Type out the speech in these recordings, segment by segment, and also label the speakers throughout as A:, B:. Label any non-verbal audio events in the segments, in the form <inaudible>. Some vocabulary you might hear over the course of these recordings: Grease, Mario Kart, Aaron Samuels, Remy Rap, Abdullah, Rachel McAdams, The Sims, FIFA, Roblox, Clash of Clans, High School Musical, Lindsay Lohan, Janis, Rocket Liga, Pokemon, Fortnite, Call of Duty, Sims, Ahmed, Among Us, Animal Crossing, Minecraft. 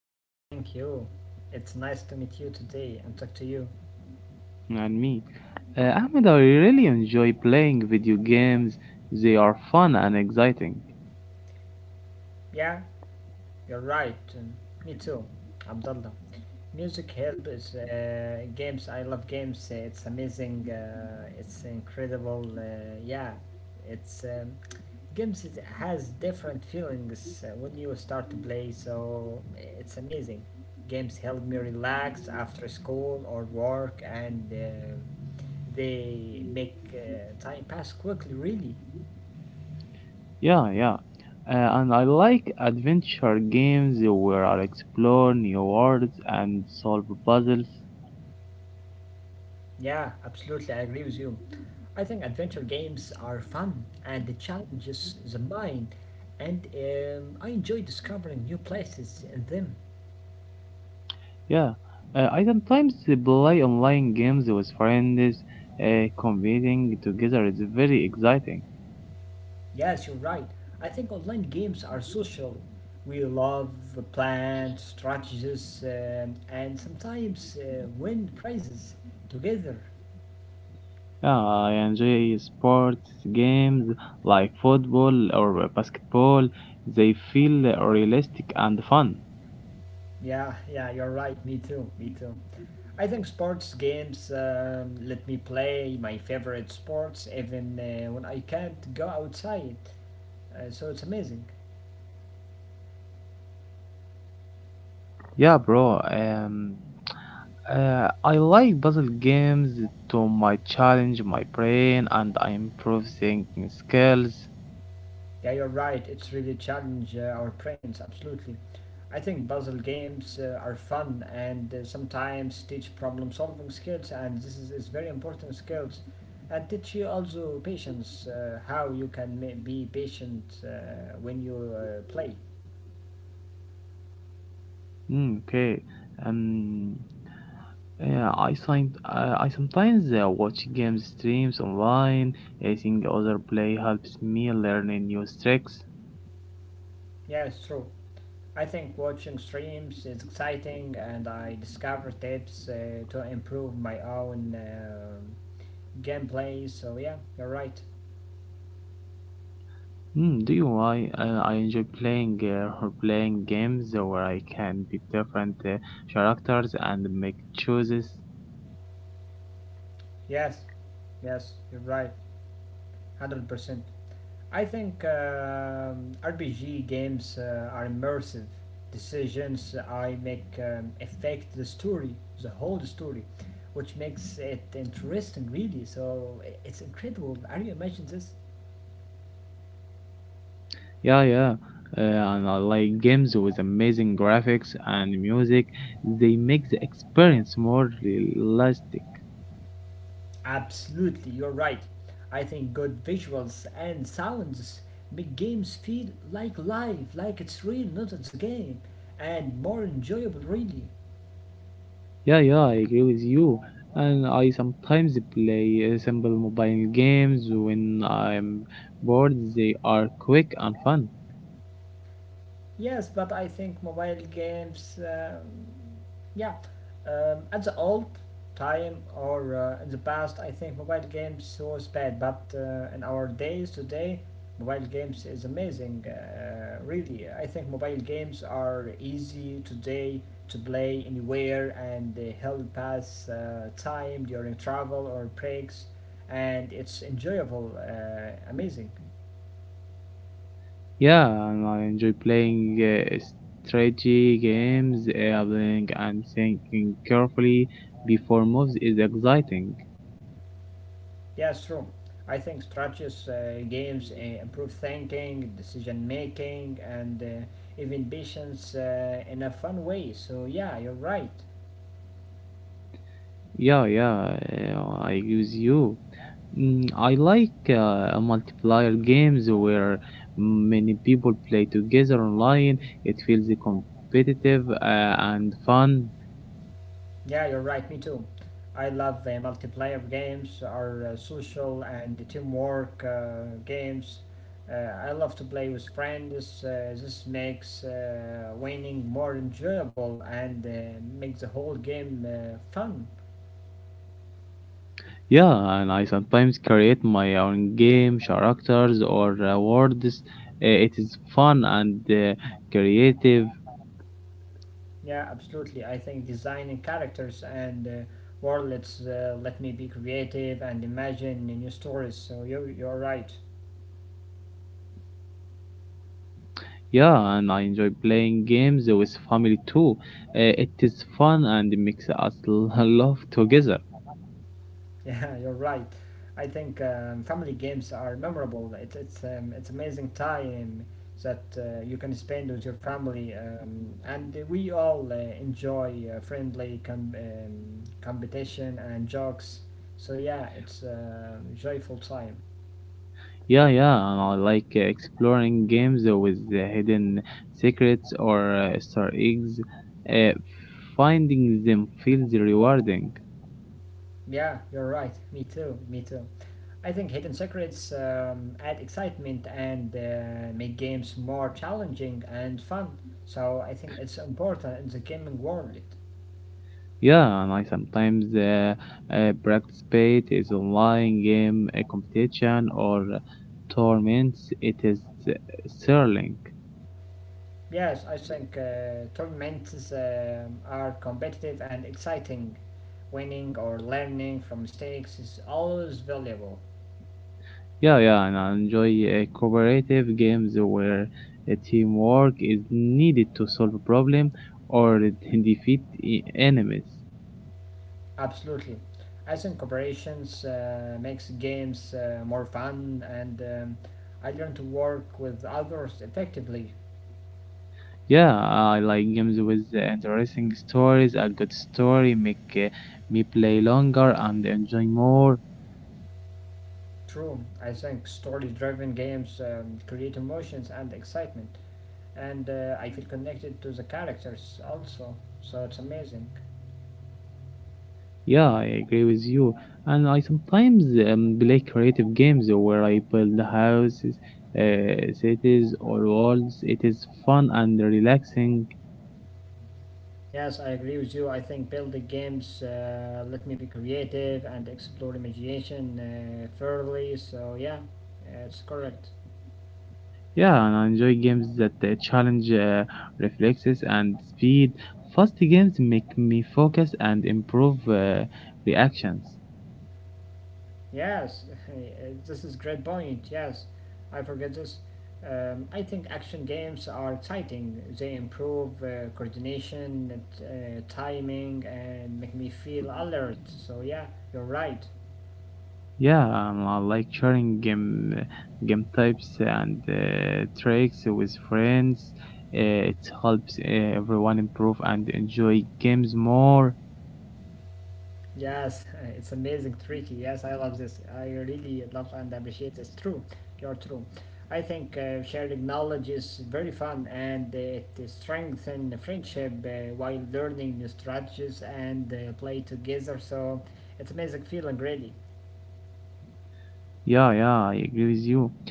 A: I'm great, thank you. It's nice to meet you today and talk to you.
B: And me. Ahmed, I really enjoy playing video games. They are fun and exciting.
A: Yeah, you're right. Me too, Abdullah. Music help is games. I love games. It's amazing. It's incredible. Yeah, it's games has different feelings when you start to play. So it's amazing. Games help me relax after school or work, and they make time pass quickly. Really.
B: Yeah, yeah. And I like adventure games where I explore new worlds and solve puzzles.
A: Yeah, absolutely, I agree with you. I think adventure games are fun and it challenges the mind, and I enjoy discovering new places in them.
B: Yeah. I sometimes play online games with friends. Competing together is very exciting.
A: Yes, you're right. I think online games are social. We love plans, strategies, and sometimes win prizes together.
B: Yeah, I enjoy sports games like football or basketball. They feel realistic and fun.
A: Yeah, yeah, you're right. Me too, me too. I think sports games let me play my favorite sports even when I can't go outside. So it's amazing.
B: Yeah, bro. I like puzzle games to my challenge my brain and I improve thinking skills.
A: Yeah, you're right. It's really challenge our brains. Absolutely. I think puzzle games are fun and sometimes teach problem solving skills, and this is very important skills. And teach you also patience, how you can be patient when you play.
B: Mm, okay. Um, yeah, I signed, I sometimes watch games streams online. I think other play helps me learn new tricks.
A: Yeah, it's true. I think watching streams is exciting, and I discover tips to improve my own gameplay. So yeah, you're right.
B: Hmm. Do you know why I enjoy playing or playing games where I can be different characters and make choices?
A: Yes, yes, you're right, 100%. I think RPG games are immersive. Decisions I make affect the story, the whole story, which makes it interesting, really. So it's incredible. Are you imagine this?
B: Yeah, yeah. And I like games with amazing graphics and music. They make the experience more realistic.
A: Absolutely, you're right. I think good visuals and sounds make games feel like live, like it's real, not it's a game, and more enjoyable, really.
B: Yeah, yeah, I agree with you. And I sometimes play simple mobile games when I'm bored. They are quick and fun.
A: Yes, but I think mobile games. Yeah, at the old time or in the past, I think mobile games was bad, but in our days today, mobile games is amazing. Really, I think mobile games are easy today to play anywhere and they help pass time during travel or breaks, and it's enjoyable, amazing.
B: Yeah, and I enjoy playing strategy games, playing and thinking carefully before moves is exciting.
A: Yeah, it's true. I think strategies, games improve thinking, decision making, and even patience in a fun way. So, yeah, you're right.
B: Yeah, yeah, I agree with you. Mm, I like multiplayer games where many people play together online. It feels competitive and fun.
A: Yeah, you're right. Me too. I love multiplayer games or social and teamwork games. I love to play with friends. This makes winning more enjoyable and makes the whole game fun.
B: Yeah, and I like sometimes create my own game, characters, or words. It is fun and creative.
A: Yeah, absolutely. I think designing characters and worlds let me be creative and imagine new stories. So you're right. <laughs>
B: Yeah, and I enjoy playing games with family too. It is fun and makes us <laughs> laugh together.
A: Yeah, you're right. I think family games are memorable. It's amazing time that you can spend with your family, and we all enjoy friendly competition and jokes. So yeah, it's a joyful time.
B: Yeah, yeah, I like exploring games with hidden secrets or Star eggs. Uh, finding them feels rewarding.
A: Yeah, you're right. Me too. Me too. I think hidden secrets add excitement and make games more challenging and fun. So I think it's important in the gaming world.
B: Yeah, and I sometimes participate is online game competition or tournaments. It is uh, thrilling.
A: Yes, I think tournaments are competitive and exciting. Winning or learning from mistakes is always valuable.
B: Yeah, yeah, and I enjoy cooperative games where teamwork is needed to solve a problem or <laughs> defeat enemies.
A: Absolutely. I think cooperations makes games more fun and I learn to work with others effectively.
B: Yeah, I like games with interesting stories. A good story make me play longer and enjoy more.
A: True, I think story driven games create emotions and excitement, and I feel connected to the characters also, so it's amazing.
B: Yeah, I agree with you. And I sometimes play creative games where I build houses, cities, or worlds. It is fun and relaxing.
A: Yes, I agree with you. I think building games let me be creative and explore imagination thoroughly, so yeah, it's correct.
B: Yeah, and I enjoy games that challenge reflexes and speed. Fast games make me focus and improve reactions.
A: Yes, <laughs> this is great point. Yes, I forget this. I think action games are exciting. They improve coordination, timing, and make me feel alert. So yeah, you're right.
B: Yeah, I like sharing game types and tricks with friends. It helps everyone improve and enjoy games more.
A: Yes, it's amazing, tricky. Yes, I love this. I really love and appreciate this. True, you're true. I think sharing knowledge is very fun and it strengthens friendship while learning new strategies and play together. So it's amazing feeling, really.
B: Yeah, yeah, I agree with you.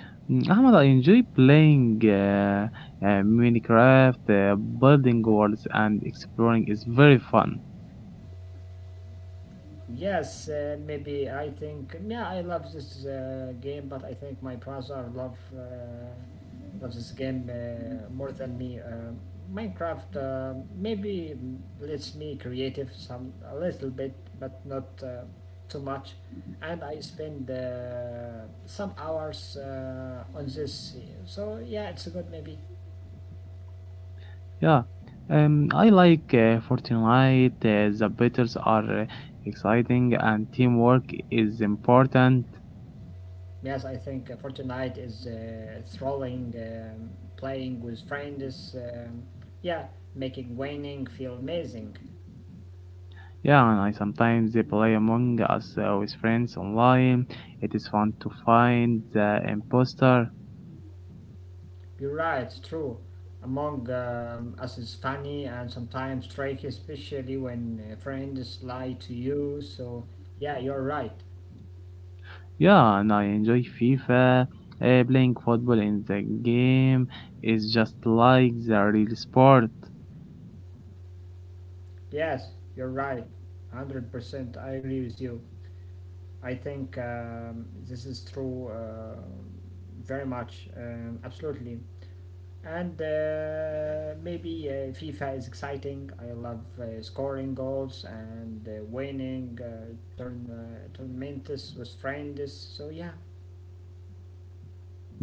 B: Mm, Ahmad, I enjoy playing Minecraft, building worlds, and exploring is very fun.
A: Yes, maybe I think yeah, I love this game, but I think my brother love of this game more than me. Minecraft maybe lets me creative some a little bit, but not too much. And I spend some hours on this, so yeah, it's good maybe.
B: Yeah, I like Fortnite. The battles are exciting, and teamwork is important.
A: Yes, I think Fortnite is thrilling, playing with friends. Yeah, making winning feel amazing.
B: Yeah, and I sometimes they play Among Us with friends online. It is fun to find the imposter.
A: You're right, it's true. Among us is funny and sometimes tricky, especially when friends lie to you. So, yeah, you're right.
B: Yeah, and I enjoy FIFA. Playing football in the game is just like the real sport.
A: Yes, you're right. 100% I agree with you. I think this is true very much. Absolutely. And maybe FIFA is exciting. I love scoring goals and winning tournaments with friends. So, yeah.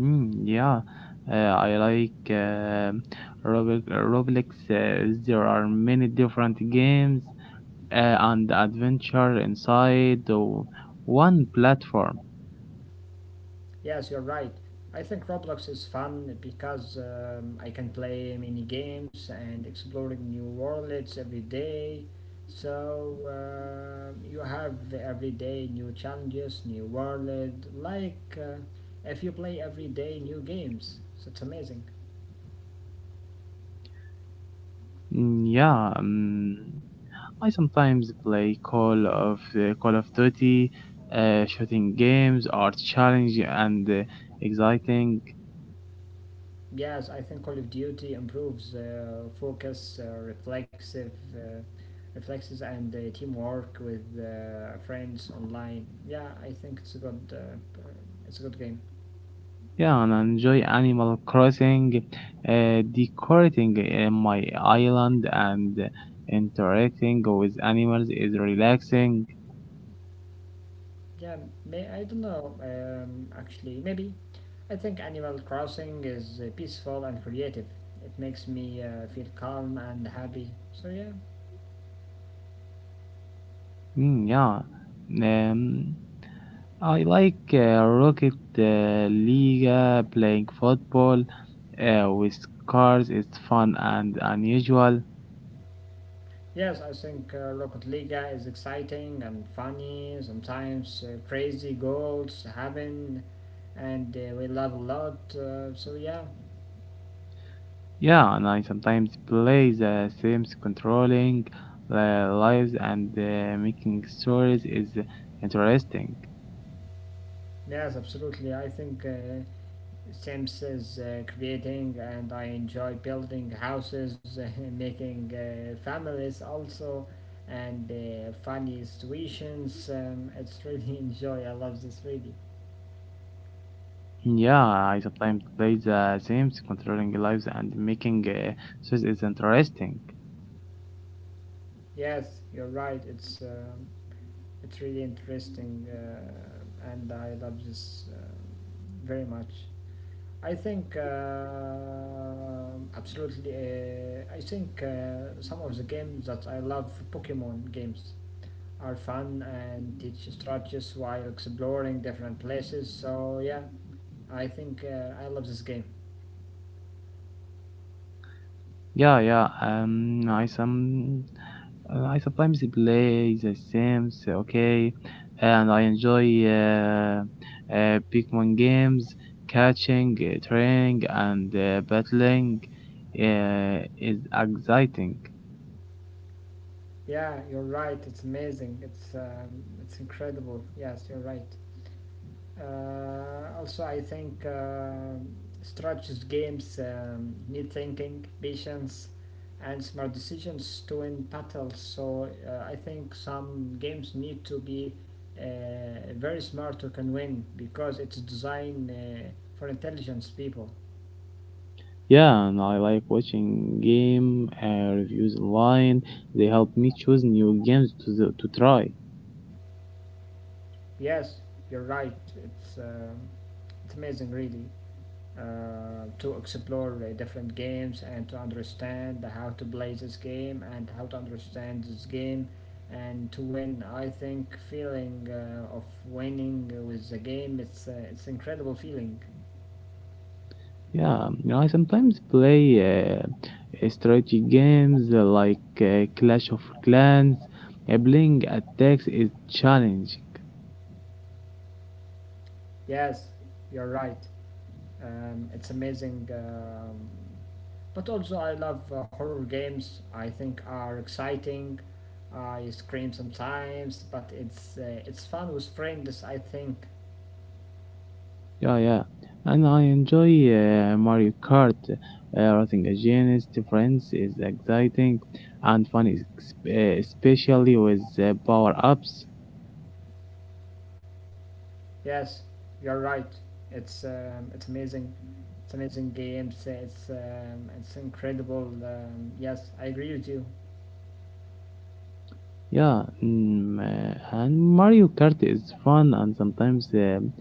B: Mm, yeah, I like Roblox. There are many different games and adventure inside one platform.
A: Yes, you're right. I think Roblox is fun because I can play many games and exploring new worlds every day. So you have every day new challenges, new world. Like if you play every day new games, so it's amazing.
B: Mm, yeah, I sometimes play Call of Duty, shooting games are challenging and exciting.
A: Yes, I think Call of Duty improves focus, reflexes, and teamwork with friends online. Yeah, I think it's a good game.
B: Yeah, and I enjoy Animal Crossing, decorating my island and interacting with animals is relaxing.
A: Yeah, may I don't know. Actually, maybe I think Animal Crossing is peaceful and creative. It makes me feel calm and happy. So yeah.
B: Mm, yeah, um, I like Rocket League, playing football with cars is fun and unusual.
A: Yes, I think Rocket Liga is exciting and funny, sometimes crazy goals happen, and we love a lot. So, yeah,
B: Yeah, and I sometimes play the Sims controlling the lives and making stories is interesting.
A: yes, absolutely. I think Sims is creating, and I enjoy building houses, <laughs> making families also, and funny situations. It's really <laughs> enjoy. I love this really.
B: Yeah, I sometimes play the Sims controlling lives and making stories is interesting.
A: Yes, you're right. It's really interesting, and I love this very much. I think absolutely. I think some of the games that I love, Pokemon games, are fun and teach strategies while exploring different places. So yeah, I think I love this game.
B: Yeah, yeah. No, I sometimes play The Sims. Okay, and I enjoy Pokemon games, catching, training, and battling. Is exciting.
A: Yeah, you're right. It's amazing. It's incredible. Yes, you're right. Also, I think strategies games need thinking, patience, and smart decisions to win battles. So I think some games need to be very smart to can win because it's designed for intelligence people.
B: Yeah, and I like watching game reviews online. They help me choose new games to to try.
A: Yes, you're right. It's uh, it's amazing, really. To explore different games and to understand how to play this game and how to understand this game and to win, I think feeling of winning with the game, it's incredible feeling.
B: Yeah, I sometimes play strategy games like Clash of Clans. Playing attacks is challenging.
A: Yes, you're right. It's amazing. But also I love horror games. I think are exciting. I scream sometimes, but it's fun with friends, I think.
B: Yeah, yeah. And I enjoy Mario Kart. Racing against friends is exciting and fun, especially with power ups.
A: Yes, you're right. It's amazing. It's amazing games. It's incredible. Yes, I agree with you.
B: Yeah, mm, and Mario Kart is fun and sometimes um,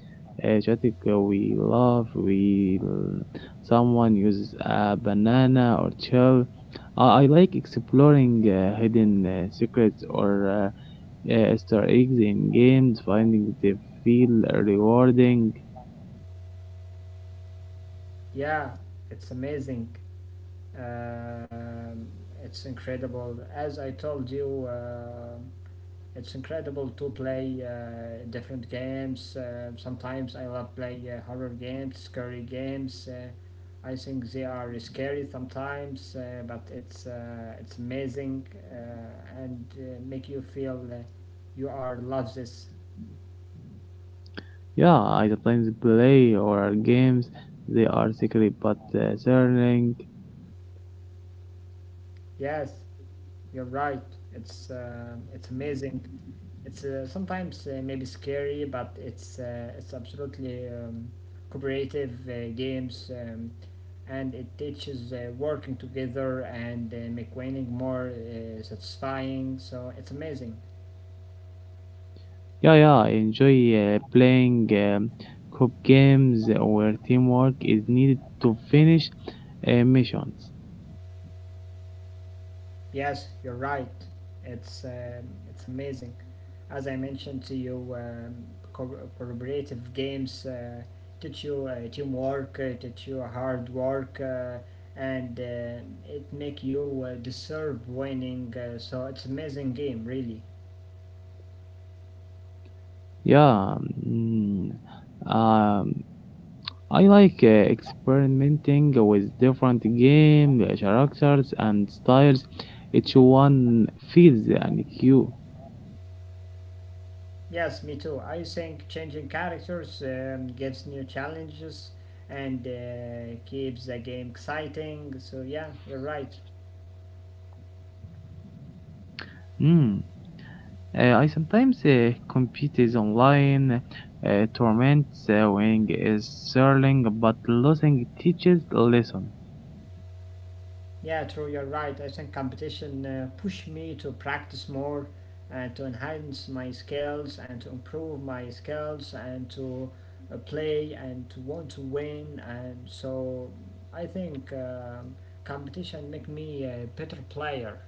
B: uh, chaotic. We love we l- someone uses a banana or shell. I like exploring hidden secrets or Easter eggs in games, finding they feel rewarding.
A: Yeah, it's amazing. Um, it's incredible. As I told you, it's incredible to play different games. Sometimes I love play horror games, scary games. I think they are scary sometimes, but it's amazing and make you feel you are love this.
B: Yeah, I sometimes play or games. They are secret but thrilling.
A: Yes, you're right. It's amazing. It's sometimes maybe scary, but it's absolutely cooperative games. And it teaches working together and make winning more satisfying. So it's amazing.
B: Yeah, yeah, I enjoy playing coop games where teamwork is needed to finish missions.
A: Yes, you're right. It's amazing. As I mentioned to you, collaborative games teach you teamwork, teach you hard work, and it make you deserve winning. So it's amazing game, really.
B: Yeah, mm, um, I like experimenting with different game characters and styles. Each one feels and cute.
A: Yes, me too. I think changing characters gives new challenges and keeps the game exciting. So yeah, you're right.
B: Mm. I sometimes compete is online. Tournaments winning is thrilling, but losing teaches lessons.
A: Yeah, true, you're right. I think competition pushed me to practice more and to enhance my skills and to improve my skills and to play and to want to win. And so I think competition make me a better player.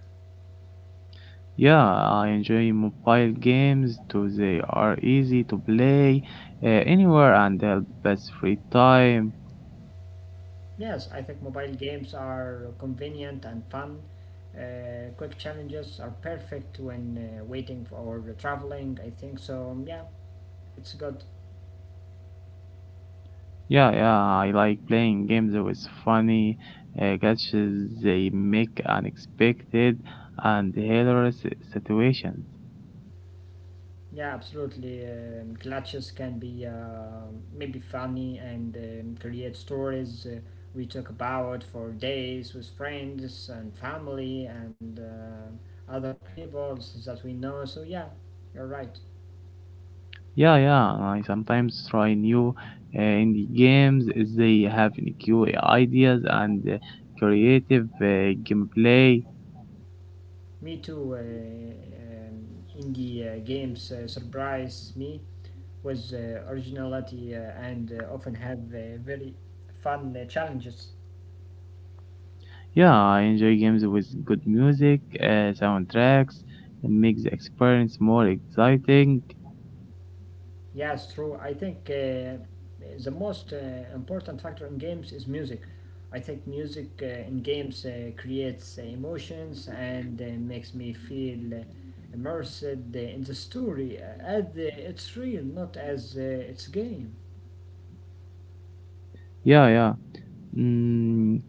B: Yeah, I enjoy mobile games too. They are easy to play anywhere and help pass free time.
A: Yes, I think mobile games are convenient and fun. Quick challenges are perfect when waiting or traveling, I think. So, yeah, it's good.
B: Yeah, yeah, I like playing games with funny catches. They make unexpected and hilarious situations.
A: Yeah, absolutely. Glitches can be maybe funny and create stories we talk about for days with friends and family and other people that we know. So, yeah, you're right.
B: Yeah, yeah, and I sometimes try new indie games. If They have new ideas and creative gameplay.
A: Me too. Indie games surprise me with originality and often have very fun challenges.
B: Yeah, I enjoy games with good music, soundtracks. It makes the experience more exciting.
A: Yes, true. I think the most important factor in games is music. I think music in games creates emotions and makes me feel immersed in the story as it's real, not as it's game.
B: Yeah, yeah. Mm,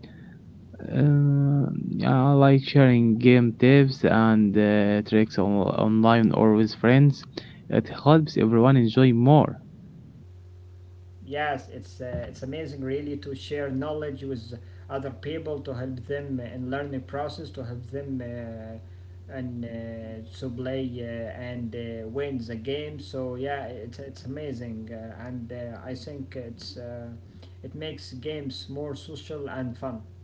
B: Uh, I like sharing game tips and online or with friends. It helps everyone enjoy more.
A: Yes, it's amazing really to share knowledge with other people to help them in learning process to help them and to play and win the game. So yeah, it's amazing and I think it makes games more social and fun.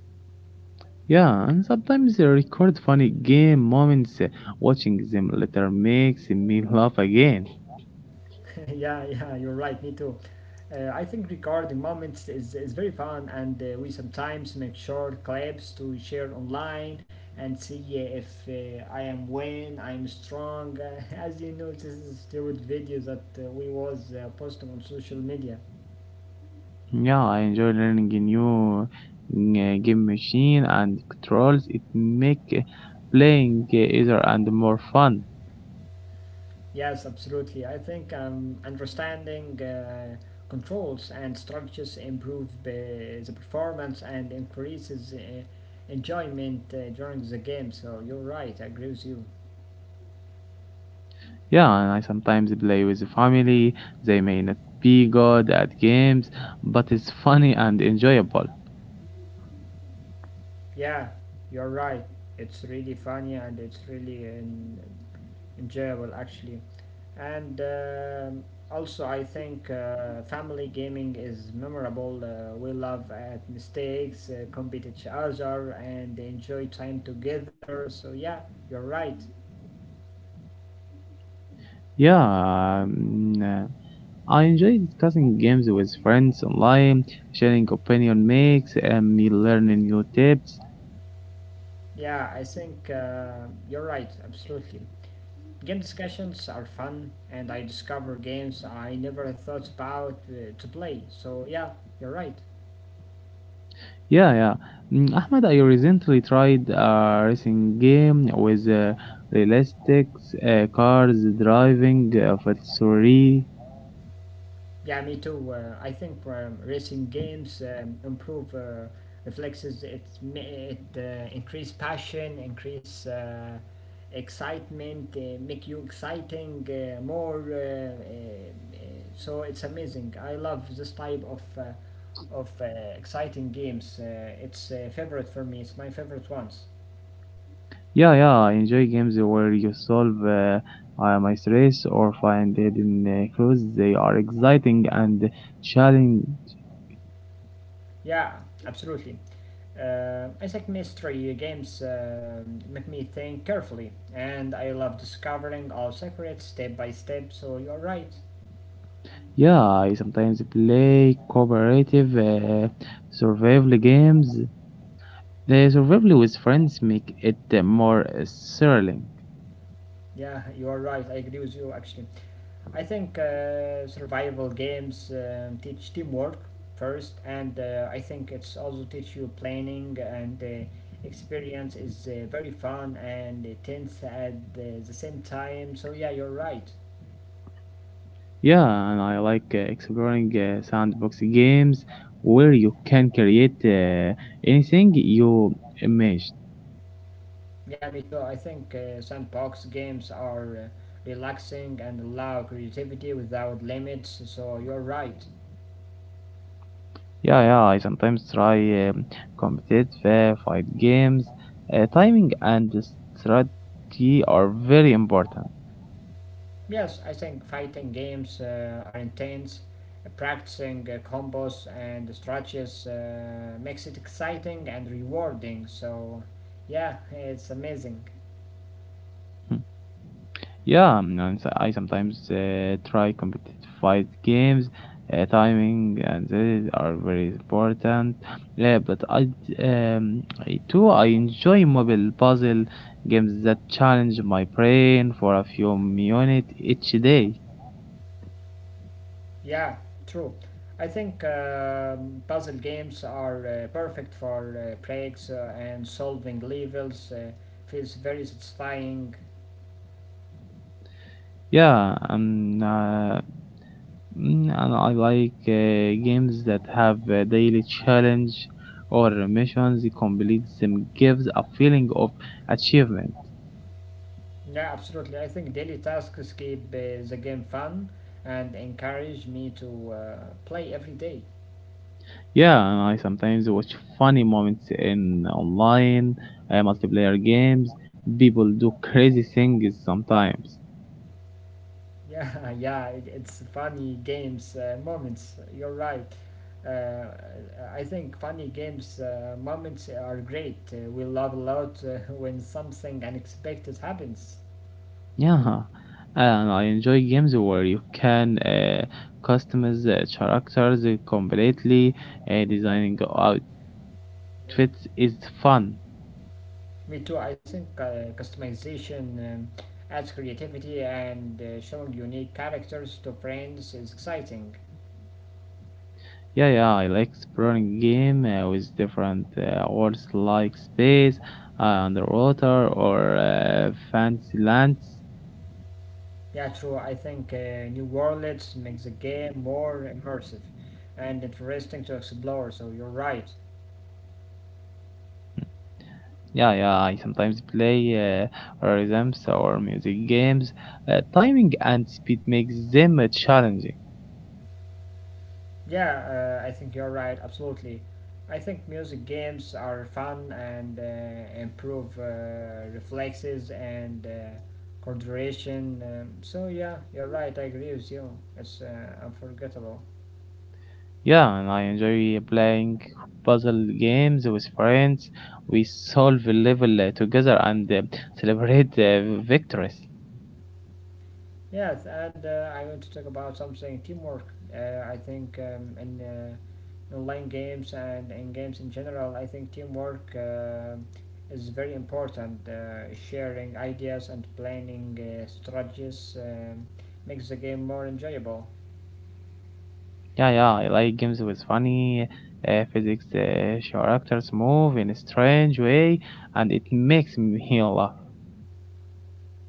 B: Yeah, and sometimes I record funny game moments. Watching them later makes me laugh again.
A: <laughs> Yeah, yeah, you're right, me too. I think recording moments is very fun, and we sometimes make short clips to share online and see if I am when I am strong. <laughs> As you know, this is steroid video that we was posting on social media.
B: Yeah, I enjoy learning a new game machine and controls. It make playing easier and more fun.
A: Yes, absolutely. I think understanding controls and structures improve the performance and increases enjoyment during the game. So you're right. I agree with you.
B: Yeah, and I sometimes play with the family. They may not be good at games, but it's funny and enjoyable.
A: Yeah, you're right. It's really funny and it's really enjoyable actually and also I think family gaming is memorable. We laugh at mistakes, compete each other and enjoy time together, so yeah, you're right.
B: Yeah, I enjoy discussing games with friends online. Sharing opinion makes and me learning new tips.
A: Yeah, I think you're right, absolutely. Game discussions are fun and I discover games I never thought about to play, so yeah, you're right.
B: Yeah, yeah. Mm, Ahmed, I recently tried a racing game with realistic cars driving for three.
A: Yeah, me too. I think racing games improve reflexes. It increase passion, increase excitement, make you exciting more. So it's amazing. I love this type of exciting games. It's favorite for me. It's my favorite ones.
B: Yeah, yeah, I enjoy games where you solve my stress or find hidden clues. They are exciting and challenging.
A: Yeah, absolutely. I think mystery games make me think carefully, and I love discovering all secrets step by step. So you're right.
B: Yeah, I sometimes play cooperative survival games. The survival with friends make it more thrilling.
A: Yeah, you're right. I agree with you. Actually, I think survival games teach teamwork first, and I think it's also teach you planning and the experience is very fun and tense at the same time, so yeah, you're right.
B: Yeah, and I like exploring sandbox games where you can create anything you imagine.
A: Yeah, me too. I think sandbox games are relaxing and allow creativity without limits, so you're right.
B: Yeah, yeah, I sometimes try competitive fight games. Timing and strategy are very important.
A: Yes, I think fighting games are intense. Practicing combos and strategies makes it exciting and rewarding, so yeah, it's amazing.
B: Yeah, and so I sometimes try competitive fight games. Timing and these are very important. Yeah, but I too I enjoy mobile puzzle games that challenge my brain for a few minutes each day.
A: Yeah, true. I think puzzle games are perfect for breaks and solving levels. Feels very satisfying.
B: Yeah, and I like games that have a daily challenge or missions. Complete them gives a feeling of achievement.
A: Yeah, absolutely. I think daily tasks keep the game fun and encourage me to play every day.
B: Yeah, and I sometimes watch funny moments in online multiplayer games. People do crazy things sometimes.
A: Yeah, <laughs> yeah, it's funny games moments. You're right. Uh, I think funny games moments are great. We love a lot <laughs> when something unexpected happens.
B: Yeah, and I enjoy games where you can customize characters completely. Designing outfits is fun.
A: Me too. I think customization adds creativity and showing unique characters to friends is exciting.
B: Yeah, yeah, I like exploring game with different worlds like space, underwater, or fancy lands.
A: Yeah, true. I think new worlds makes the game more immersive and interesting to explore. So you're right.
B: Yeah, yeah, I sometimes play rhythms or music games. Timing and speed makes them challenging.
A: Yeah, I think you're right. Absolutely. I think music games are fun and improve reflexes and coordination. So yeah, you're right. I agree with you. It's unforgettable.
B: Yeah, and I enjoy playing puzzle games with friends. We solve a level together and celebrate victories.
A: Yes, and I want to talk about something teamwork. I think in online games and in games in general, I think teamwork is very important. Sharing ideas and planning strategies makes the game more enjoyable.
B: Yeah, yeah, I like games with funny physics, characters move in a strange way, and it makes me <laughs> laugh.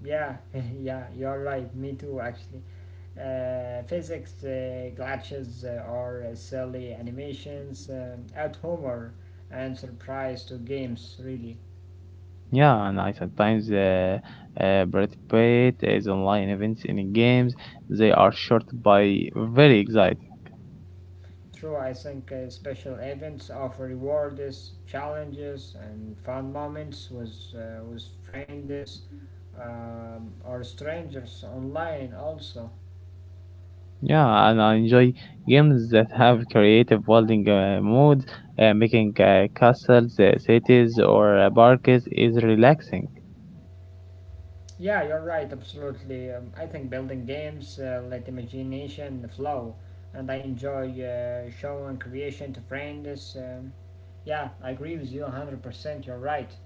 A: Yeah, <laughs> yeah, you're right. Me too, actually. Physics glitches or silly animations add humor and surprise to games, really.
B: Yeah, and I sometimes participate as online events in games. They are short by very exciting.
A: True, I think special events offer rewards, challenges, and fun moments with friends or strangers online also.
B: Yeah, and I enjoy games that have creative building modes. Making castles, cities, or parks is relaxing.
A: Yeah, you're right, absolutely. I think building games let imagination flow, and I enjoy showing creation to friends. Yeah, I agree with you 100%, you're right.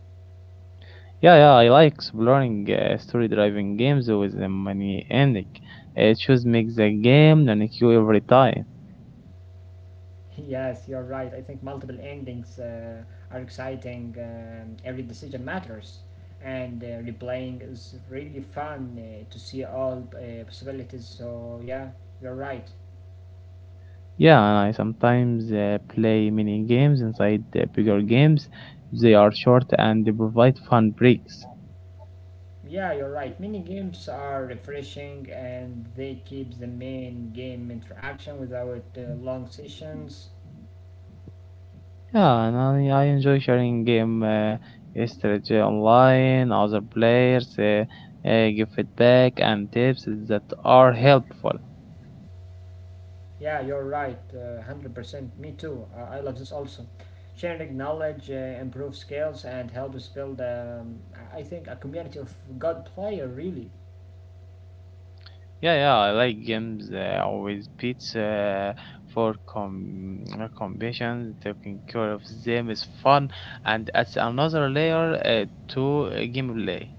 B: Yeah, yeah, I like exploring story-driven games with a many ending. It just makes the game unique every time.
A: Yes, you're right. I think multiple endings are exciting. Every decision matters, and replaying is really fun to see all possibilities. So yeah, you're right.
B: Yeah, and I sometimes play mini games inside the bigger games. They are short and they provide fun breaks.
A: Yeah, you're right. Mini games are refreshing, and they keep the main game interaction without long sessions.
B: Yeah, and I enjoy sharing game strategy online, other players, give feedback and tips that are helpful.
A: Yeah, you're right, 100%. Me too. I love this also. Sharing knowledge improves skills and helps build, I think, a community of good player, really.
B: Yeah, yeah, I like games with pits for competitions. Taking care of them is fun and adds another layer to gameplay.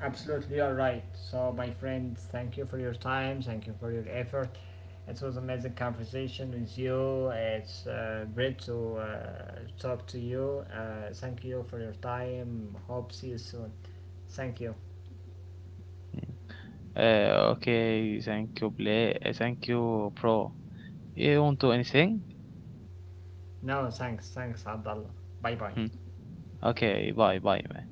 A: Absolutely, you're right. So, my friend, thank you for your time. Thank you for your effort. It was amazing conversation with you. It's great to talk to you. Thank you for your time. Hope see you soon. Thank you.
B: Okay, thank you, play. Thank you, bro. You want to anything?
A: No, thanks. Thanks, Abdullah. Bye bye.
B: Hmm. Okay, bye, bye, man.